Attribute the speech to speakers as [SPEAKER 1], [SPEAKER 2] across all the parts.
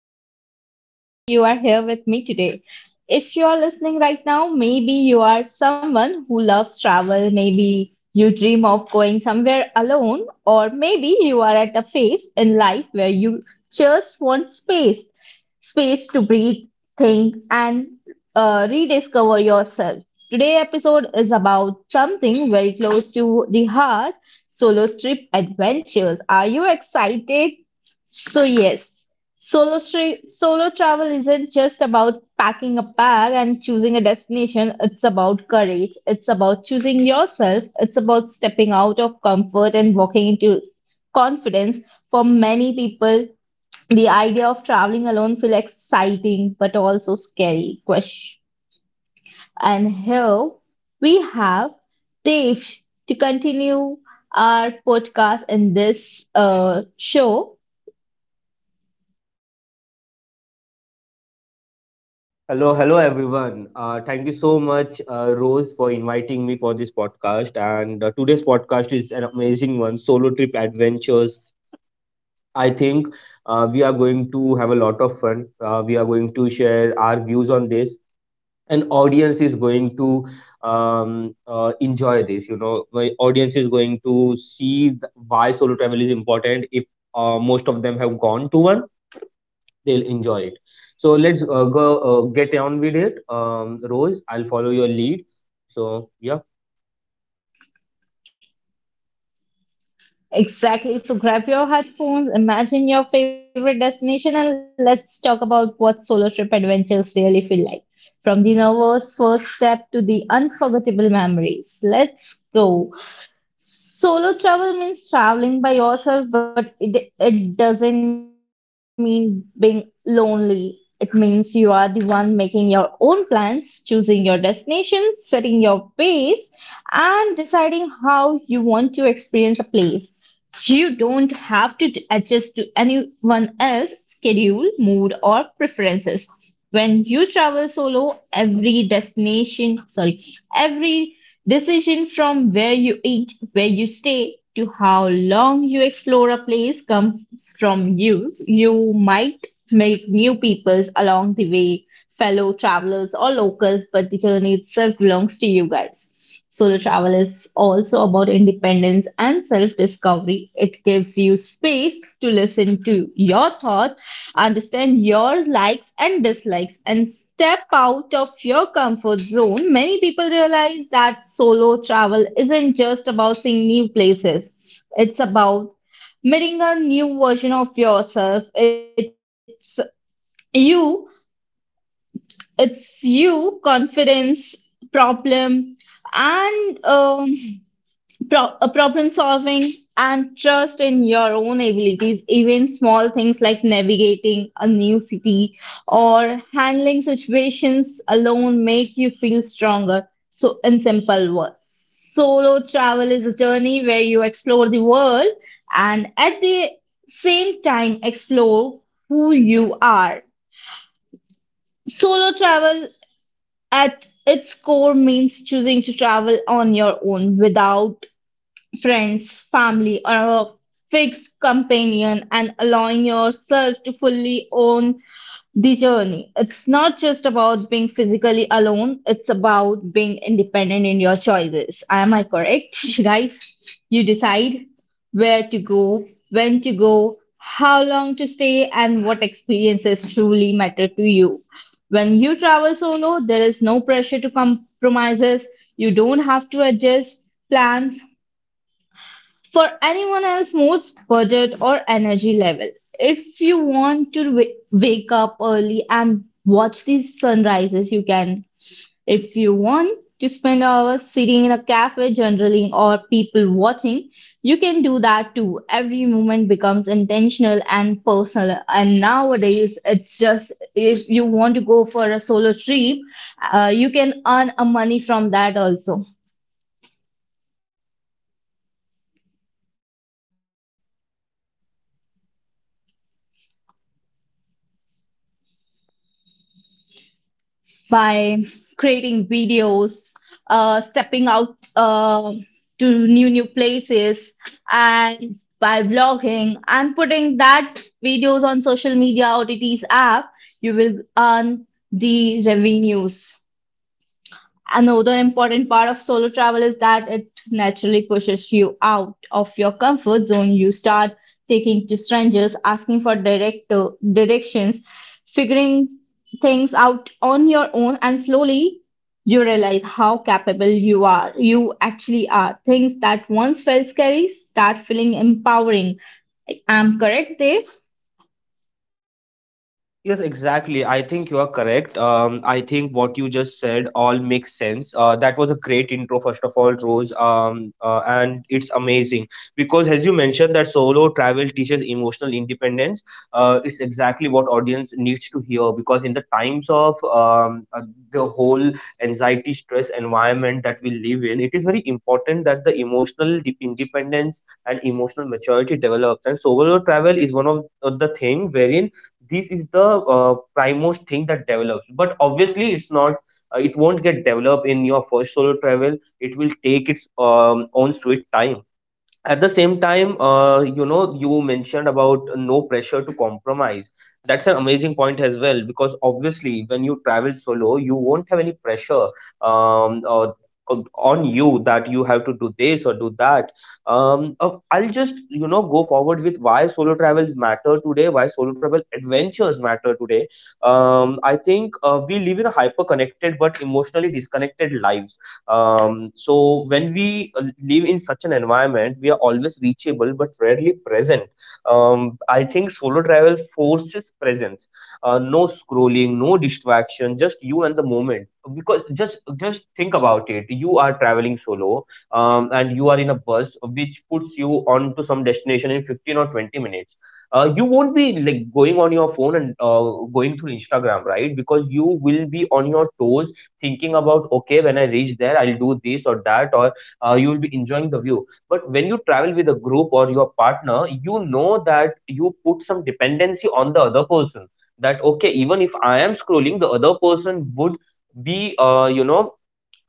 [SPEAKER 1] and I'm so happy you are here with me today. If you are listening right now, maybe you are someone who loves travel, maybe you dream of going somewhere alone, or maybe you are at a phase in life where you just want space space to breathe, think, and rediscover yourself. Today episode is about something very close to the heart solo trip adventures. Are you excited? So, yes, solo travel isn't just about packing a bag and choosing a destination, it's about courage, it's about choosing yourself, it's about stepping out of comfort and walking into confidence. For many people, the idea of traveling alone feels exciting but also scary. Question. And here we have Dev to continue our podcast in this show.
[SPEAKER 2] Hello, hello everyone. Thank you so much, Rose, for inviting me for this podcast. And today's podcast is an amazing one, solo trip adventures. I think we are going to have a lot of fun. We are going to share our views on this, and audience is going to enjoy this. My audience is going to see why solo travel is important. If most of them have gone to one, they'll enjoy it, so let's go, get on with it. Rose, I'll follow your lead, so yeah.
[SPEAKER 1] Exactly. So grab your headphones, imagine your favorite destination, and let's talk about what solo trip adventures really feel like. From the nervous first step to the unforgettable memories. Let's go. Solo travel means traveling by yourself, but it doesn't mean being lonely. It means you are the one making your own plans, choosing your destination, setting your pace, and deciding how you want to experience a place. You don't have to adjust to anyone else's schedule, mood, or preferences. When you travel solo, every destination, sorry, every decision from where you eat, where you stay, to how long you explore a place comes from you. You might meet new peoples along the way, fellow travelers or locals, but the journey itself belongs to you guys. Solo travel is also about independence and self discovery. It gives you space to listen to your thoughts. Understand your likes and dislikes and step out of your comfort zone. Many people realize that solo travel isn't just about seeing new places, it's about meeting a new version of yourself. You, it's you, confidence, problem, and problem solving and trust in your own abilities, even small things like navigating a new city or handling situations alone make you feel stronger. So, in simple words, solo travel is a journey where you explore the world and at the same time explore who you are. Solo travel at its core means choosing to travel on your own without friends, family, or a fixed companion and allowing yourself to fully own the journey. It's not just about being physically alone, it's about being independent in your choices. Am I correct, guys? You decide where to go, when to go, how long to stay, and what experiences truly matter to you. When you travel solo, there is no pressure to compromises. You don't have to adjust plans for anyone else most budget or energy level. If you want to wake up early and watch these sunrises, you can. If you want to spend hours sitting in a cafe journaling or people watching, you can do that too. Every moment becomes intentional and personal, and nowadays it's just if you want to go for a solo trip, you can earn a money from that also by creating videos, stepping out to new places, and by vlogging and putting that videos on social media OTT's app, you will earn the revenues. Another important part of solo travel is that it naturally pushes you out of your comfort zone. You start taking to strangers, asking for directions, figuring things out on your own, and slowly you realize how capable you are. You actually are. Things that once felt scary start feeling empowering. I'm correct, Dave?
[SPEAKER 2] Yes, exactly. I think you are correct. I think what you just said all makes sense. That was a great intro, first of all, Rose. And it's amazing because, as you mentioned, that solo travel teaches emotional independence. It's exactly what audience needs to hear because in the times of the whole anxiety, stress environment that we live in, it is very important that the independence and emotional maturity develops. And solo travel is one of the thing wherein this is the primost thing that develops, but obviously it's not, it won't get developed in your first solo travel. It will take its own sweet time. At the same time, you know, you mentioned about no pressure to compromise. That's an amazing point as well, because obviously when you travel solo you won't have any pressure um, uh, on you, that you have to do this or do that. I'll just go forward with why solo travels matter today, why solo travel adventures matter today. I think we live in a hyper connected but emotionally disconnected lives. So when we live in such an environment, we are always reachable but rarely present. I think solo travel forces presence. No scrolling, no distraction, just you and the moment. Because just think about it. You are traveling solo, and you are in a bus which puts you on to some destination in 15 or 20 minutes. You won't be like going on your phone and going through Instagram, right? Because you will be on your toes, thinking about, okay, when I reach there, I'll do this or that, or you will be enjoying the view. But when you travel with a group or your partner, you know that you put some dependency on the other person, that okay, even if I am scrolling, the other person would be, you know,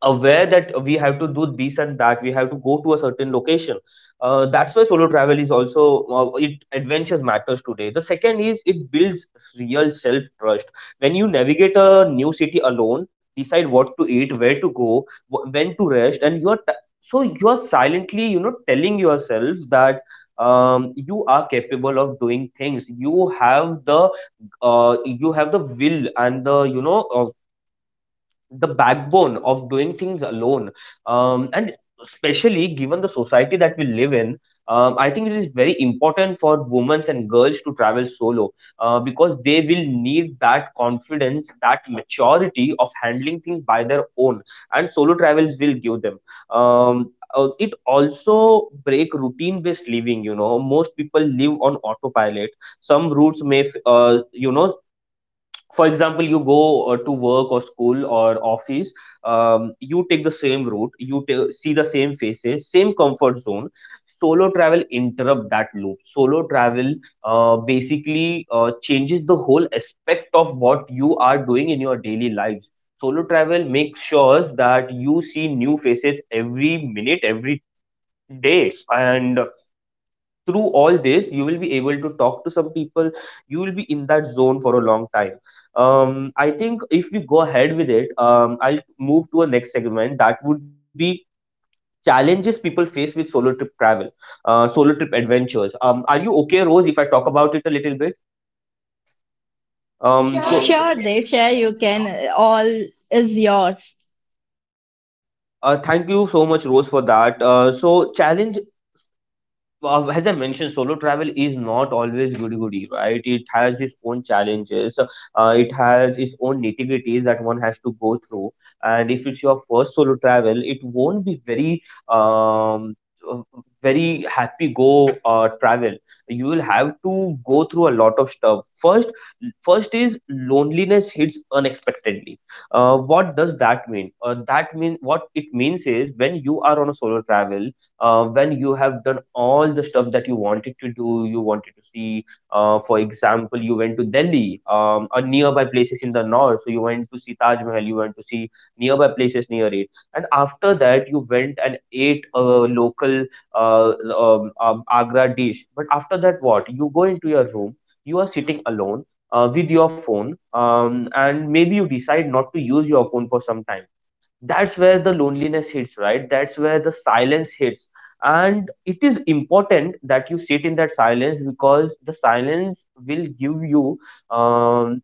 [SPEAKER 2] aware that we have to do this and that, we have to go to a certain location. That's why solo travel is also, it adventures matters today. The second is it builds real self trust. When you navigate a new city alone, decide what to eat, where to go, when to rest, and so you're silently telling yourself that you are capable of doing things. You have the, you have the will and the, the backbone of doing things alone. And especially given the society that we live in, I think it is very important for women and girls to travel solo, because they will need that confidence, that maturity of handling things by their own, and solo travels will give them. It also break routine based living. Most people live on autopilot. Some routes may for example, you go to work or school or office. You take the same route, you see the same faces, same comfort zone. Solo travel interrupt that loop. Solo travel basically changes the whole aspect of what you are doing in your daily lives. Solo travel makes sure that you see new faces every minute, every day, and through all this you will be able to talk to some people. You will be in that zone for a long time. I think if we go ahead with it, I'll move to a next segment that would be challenges people face with solo trip travel, solo trip adventures. Are you okay, Rose, if I talk about it a little bit? Sure, so
[SPEAKER 1] Sure,
[SPEAKER 2] Diksha,
[SPEAKER 1] Dave.
[SPEAKER 2] you
[SPEAKER 1] Share.
[SPEAKER 2] can.
[SPEAKER 1] You can. All is yours.
[SPEAKER 2] Thank you so much, Rose, for that. So, challenge. Well, as I mentioned, solo travel is not always goody-goody, right? It has its own challenges. It has its own nitty-gritties that one has to go through. And if it's your first solo travel, it won't be very, uh, very happy-go travel. You will have to go through a lot of stuff. First is loneliness hits unexpectedly. What does that mean? What it means is, when you are on a solo travel, when you have done all the stuff that you wanted to do, you wanted to see, for example, you went to Delhi, or nearby places in the north. So you went to see Taj Mahal, you went to see nearby places near it. And after that, you went and ate a local uh, Agra dish. But after that, what? You go into your room, you are sitting alone with your phone, and maybe you decide not to use your phone for some time. That's where the loneliness hits, right? That's where the silence hits. And it is important that you sit in that silence, because the silence will give you um,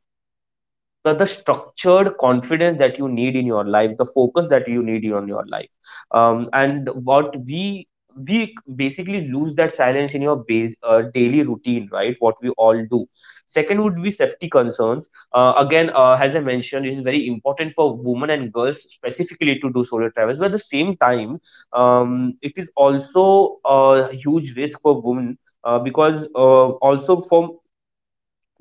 [SPEAKER 2] the structured confidence that you need in your life, the focus that you need on your life. And what we basically lose that silence in your base, daily routine, right? What we all do. Second would be safety concerns. Again, as I mentioned, it is very important for women and girls specifically to do solo travels, but at the same time, it is also a huge risk for women, because, also for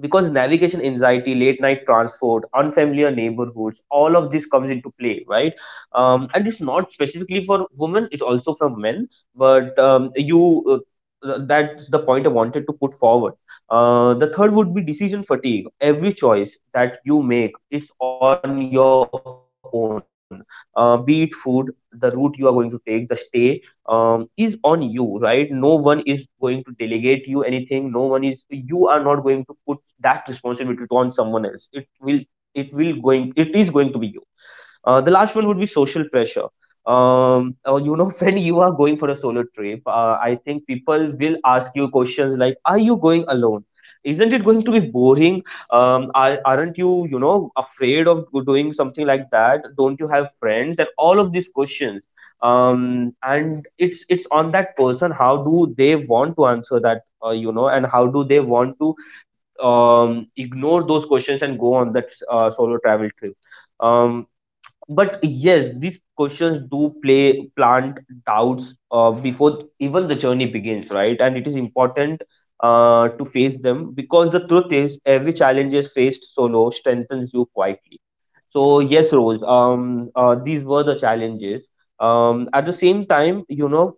[SPEAKER 2] because navigation anxiety, late night transport, unfamiliar neighborhoods, all of this comes into play, right? And it's not specifically for women, it's also for men. But uh, that's the point I wanted to put forward. The third would be decision fatigue. Every choice that you make, it's on your own. Be it food, the route you are going to take, the stay, is on you, right? No one is going to delegate you anything. No one is, you are not going to put that responsibility on someone else. It will going, it is going to be you. The last one would be social pressure. When you are going for a solo trip, I think people will ask you questions like, "Are you going alone? Isn't it going to be boring? Aren't you, afraid doing something like that? Don't you have friends?" And all of these questions. And it's on that person. How do they want to answer that? And how do they want to ignore those questions and go on that solo travel trip? Um, but yes, these questions do play, plant doubts before even the journey begins, right? And it is important to face them, because the truth is every challenge is faced solo strengthens you quietly. So yes, Rose. These were the challenges. At the same time,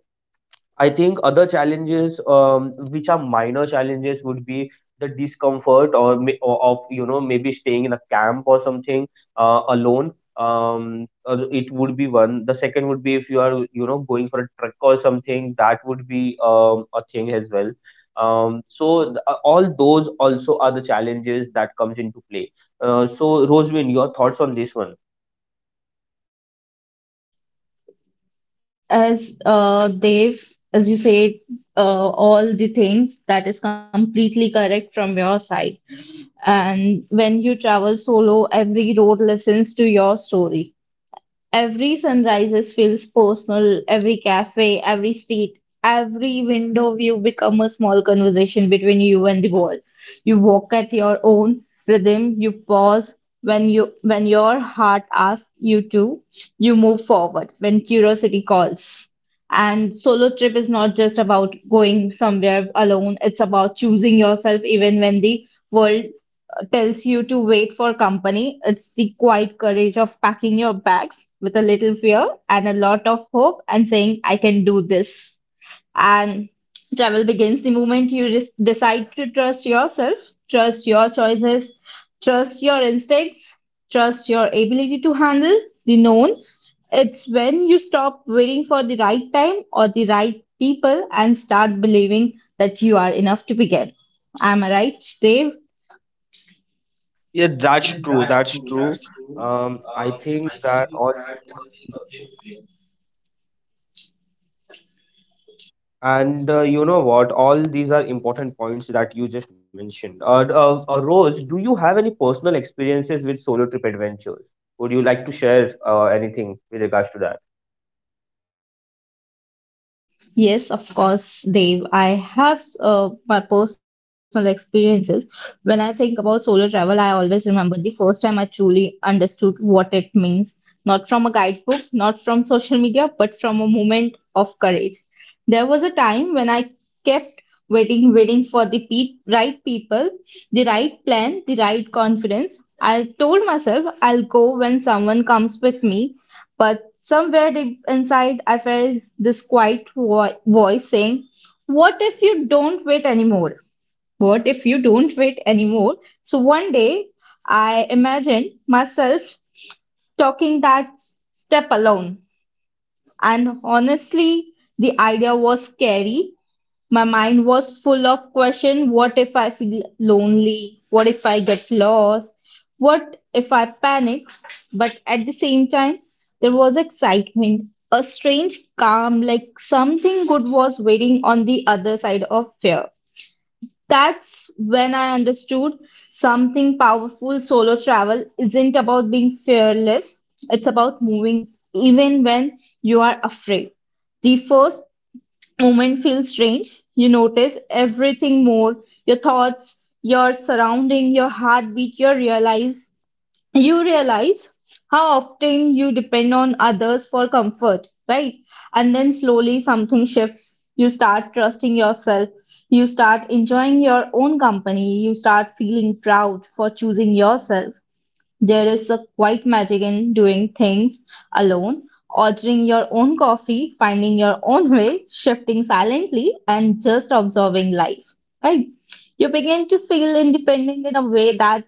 [SPEAKER 2] I think other challenges, which are minor challenges, would be the discomfort or, may- or of maybe staying in a camp or something, alone. It would be one. The second would be if you are going for a trek or something, that would be a thing as well. All those also are the challenges that comes into play. So Rosemary, your thoughts on this one?
[SPEAKER 1] As Dev, as you said, all the things that is completely correct from your side. And when you travel solo, every road listens to your story. Every sunrise feels personal, every cafe, every street, every window view become a small conversation between you and the world. You walk at your own rhythm, you pause when your heart asks you to, you move forward when curiosity calls. And solo trip is not just about going somewhere alone, it's about choosing yourself even when the world tells you to wait for company. It's the quiet courage of packing your bags with a little fear and a lot of hope and saying, I can do this. And travel begins the moment you just decide to trust yourself, trust your choices, trust your instincts, trust your ability to handle the known. It's when you stop waiting for the right time or the right people and start believing that you are enough to begin. Am I right, Dave?
[SPEAKER 2] Yeah, that's true. That's true. I think that all this comes into play. And what? All these are important points that you just mentioned. Rose, do you have any personal experiences with solo trip adventures? Would you like to share anything with regards to that?
[SPEAKER 1] Yes, of course, Dave. I have my personal experiences. When I think about solo travel, I always remember the first time I truly understood what it means. Not from a guidebook, not from social media, but from a moment of courage. There was a time when I kept waiting, waiting for the right people, the right plan, the right confidence. I told myself I'll go when someone comes with me, but somewhere deep inside, I felt this quiet voice saying, what if you don't wait anymore? What if you don't wait anymore? So one day, I imagined myself talking that step alone. And honestly, the idea was scary. My mind was full of question. What if I feel lonely? What if I get lost? What if I panic? But at the same time, there was excitement, a strange calm, like something good was waiting on the other side of fear. That's when I understood something powerful. Solo travel isn't about being fearless, it's about moving even when you are afraid. The first moment feels strange. You notice everything more, your thoughts, your surrounding, your heartbeat. You realize how often you depend on others for comfort, right? And then slowly something shifts. You start trusting yourself. You start enjoying your own company. You start feeling proud for choosing yourself. There is a quiet magic in doing things alone, ordering your own coffee, finding your own way, shifting silently, and just observing life. Right? You begin to feel independent in a way that's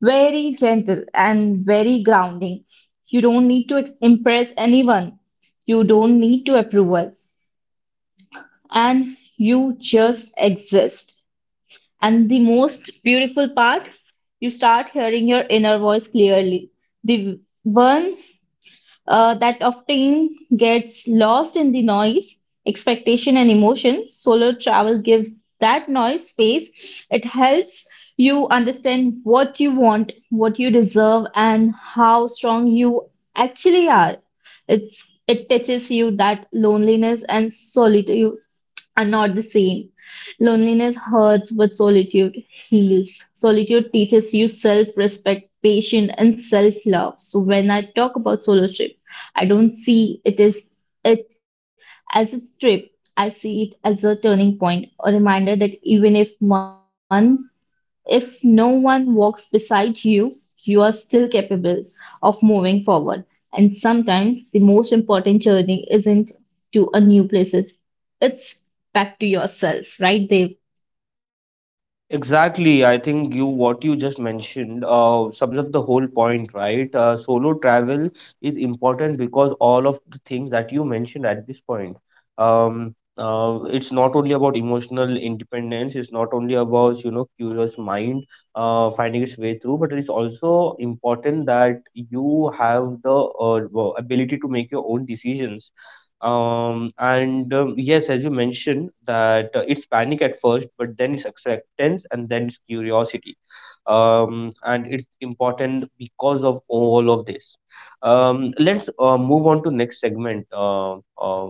[SPEAKER 1] very gentle and very grounding. You don't need to impress anyone. You don't need to approval. And you just exist. And the most beautiful part, you start hearing your inner voice clearly. The one that often gets lost in the noise, expectation, and emotion. Solo travel gives that noise space. It helps you understand what you want, what you deserve, and how strong you actually are. It's it teaches you that loneliness and solitude are not the same. Loneliness hurts, but solitude heals. Solitude teaches you self respect, patience, and self love. So, when I talk about solo trip, I don't see it as a trip. I see it as a turning point, a reminder that even if one if no one walks beside you, you are still capable of moving forward. And sometimes the most important journey isn't to a new places. It's back to yourself, right, Dev?
[SPEAKER 2] Exactly. I think you what you just mentioned sums up the whole point, right? Solo travel is important because all of the things that you mentioned at this point. It's not only about emotional independence. It's not only about curious mind finding its way through, but it's also important that you have the, ability to make your own decisions, and yes, as you mentioned, that it's panic at first, but then it's acceptance and then it's curiosity. And it's important because of all of this. Let's move on to next segment.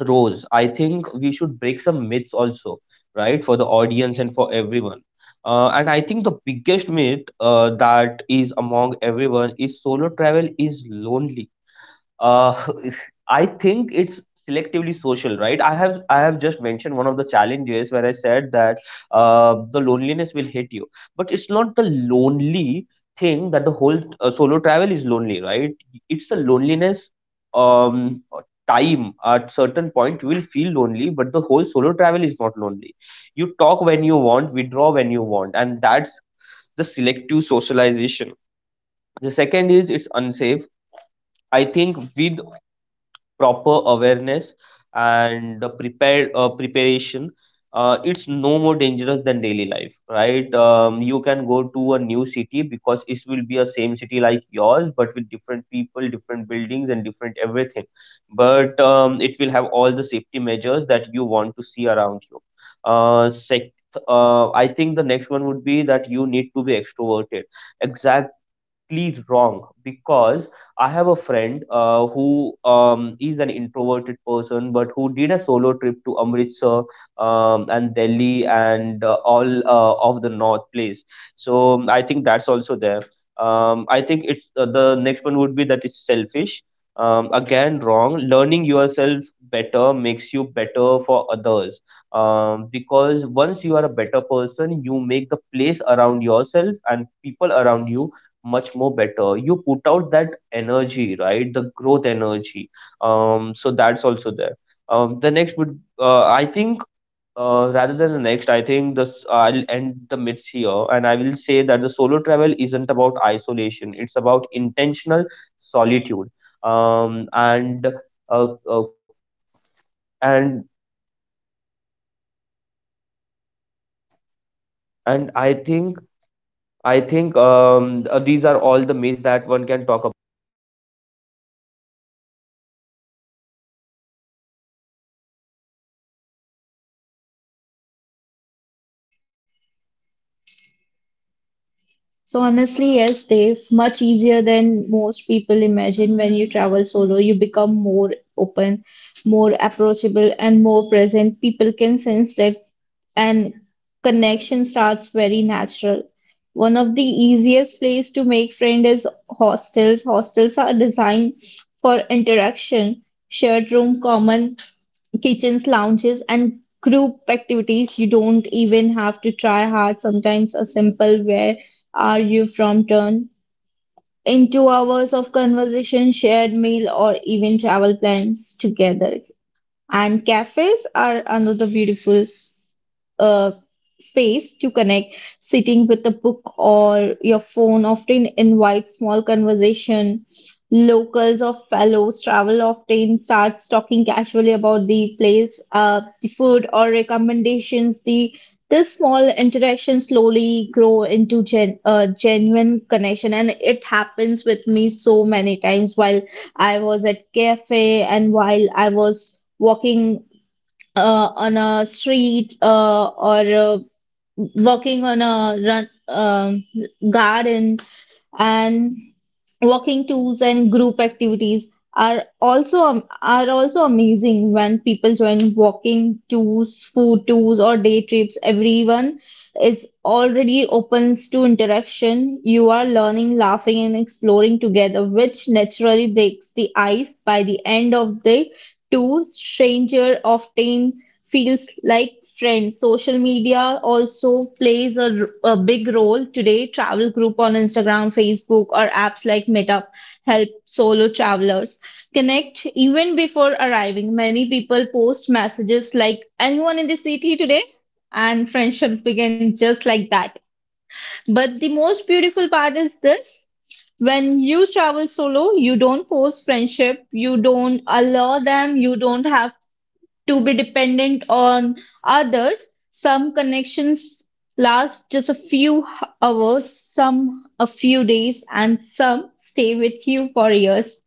[SPEAKER 2] Rose, I think we should break some myths also, right, for the audience and for everyone. And I think the biggest myth that is among everyone is solo travel is lonely. uh, I think it's selectively social, right? I have just mentioned one of the challenges where I said that the loneliness will hit you, but it's not the lonely thing that the whole solo travel is lonely, right? It's the loneliness. Um, uh, Time at certain point you will feel lonely, but the whole solo travel is not lonely. You talk when you want, withdraw when you want, and that's the selective socialization. The second is it's unsafe. I think with proper awareness and the prepared preparation, it's no more dangerous than daily life, right? You can go to a new city, because it will be a same city like yours but with different people, different buildings and different everything. But it will have all the safety measures that you want to see around you. uh, sec- I think the next one would be that you need to be extroverted. Exact wrong, because I have a friend who is an introverted person, but who did a solo trip to Amritsar, and Delhi and all of the north place. So I think that's also there. I think it's, the next one would be that it's selfish. Again, wrong. Learning yourself better makes you better for others. Because once you are a better person, you make the place around yourself and people around you much more better. You put out that energy, right? The growth energy. So that's also there. The next would I think, rather than the next, I think this, I'll end the myths here and I will say that the solo travel isn't about isolation, it's about intentional solitude. um and uh, uh, and and I think. These are all the myths that one can talk.
[SPEAKER 1] So honestly, yes, Dave, much easier than most people imagine when you travel solo. You become more open, more approachable, and more present. People can sense that and connection starts very natural. One of the easiest place to make friend is hostels. Hostels are designed for interaction, shared room, common kitchens, lounges, and group activities. You don't even have to try hard. Sometimes a simple "Where are you from?" turn into hours of conversation, shared meal, or even travel plans together. And cafes are another beautiful uh, space to connect. Sitting with a book or your phone often invites small conversation. Locals or fellows travel often starts talking casually about the place, the food or recommendations. The This small interaction slowly grow into genuine connection, and it happens with me so many times while I was at cafe and while I was walking on a street or walking on a run, garden and walking tours and group activities are also amazing when people join walking tours, food tours or day trips. Everyone is already opens to interaction. You are learning, laughing and exploring together, which naturally breaks the ice by the end of the two stranger often feels like friends. Social media also plays a big role today. Travel group on Instagram, Facebook, or apps like Meetup help solo travelers connect even before arriving. Many people post messages like "Anyone in the city today?" and friendships begin just like that. But the most beautiful part is this. When you travel solo, you don't force friendship, you don't allow them, you don't have to be dependent on others. Some connections last just a few hours, some a few days, and some stay with you for years.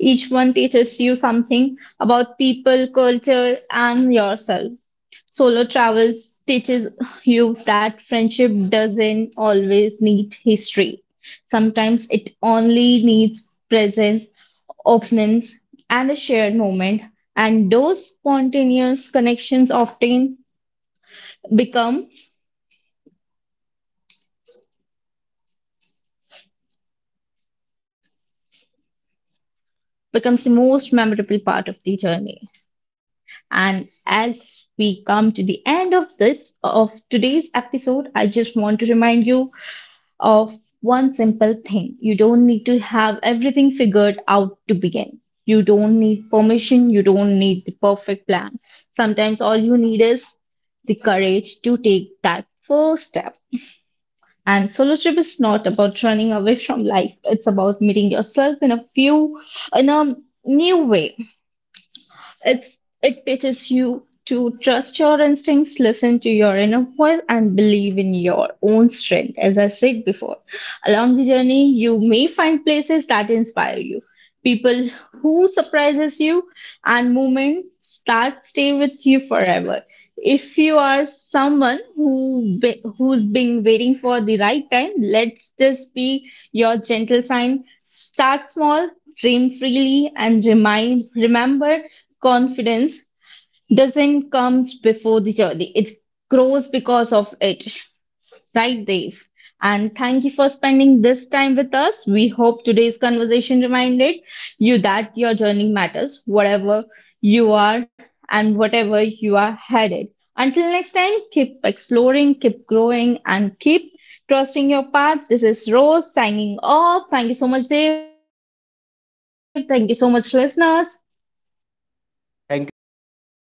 [SPEAKER 1] Each one teaches you something about people, culture, and yourself. Solo travel teaches you that friendship doesn't always need history. Sometimes it only needs presence, openness, and a shared moment. And those spontaneous connections often become becomes the most memorable part of the journey. And as we come to the end of this of today's episode, I just want to remind you of one simple thing. You don't need to have everything figured out to begin. You don't need permission. You don't need the perfect plan. Sometimes all you need is the courage to take that first step. And solo trip is not about running away from life. It's about meeting yourself in a new way. It's it teaches you to trust your instincts, listen to your inner voice, and believe in your own strength. As I said before, along the journey, you may find places that inspire you, people who surprises you, and moments that stay with you forever. If you are someone who's been waiting for the right time, let this be your gentle sign. Start small, dream freely, and remind remember confidence doesn't comes before the journey, it grows because of it, right, Dave? And thank you for spending this time with us. We hope today's conversation reminded you that your journey matters, whatever you are and whatever you are headed. Until next time, keep exploring, keep growing, and keep trusting your path. This is Rose signing off. Thank you so much, Dave. Thank you so much, listeners.
[SPEAKER 2] Thank you everyone, thank you so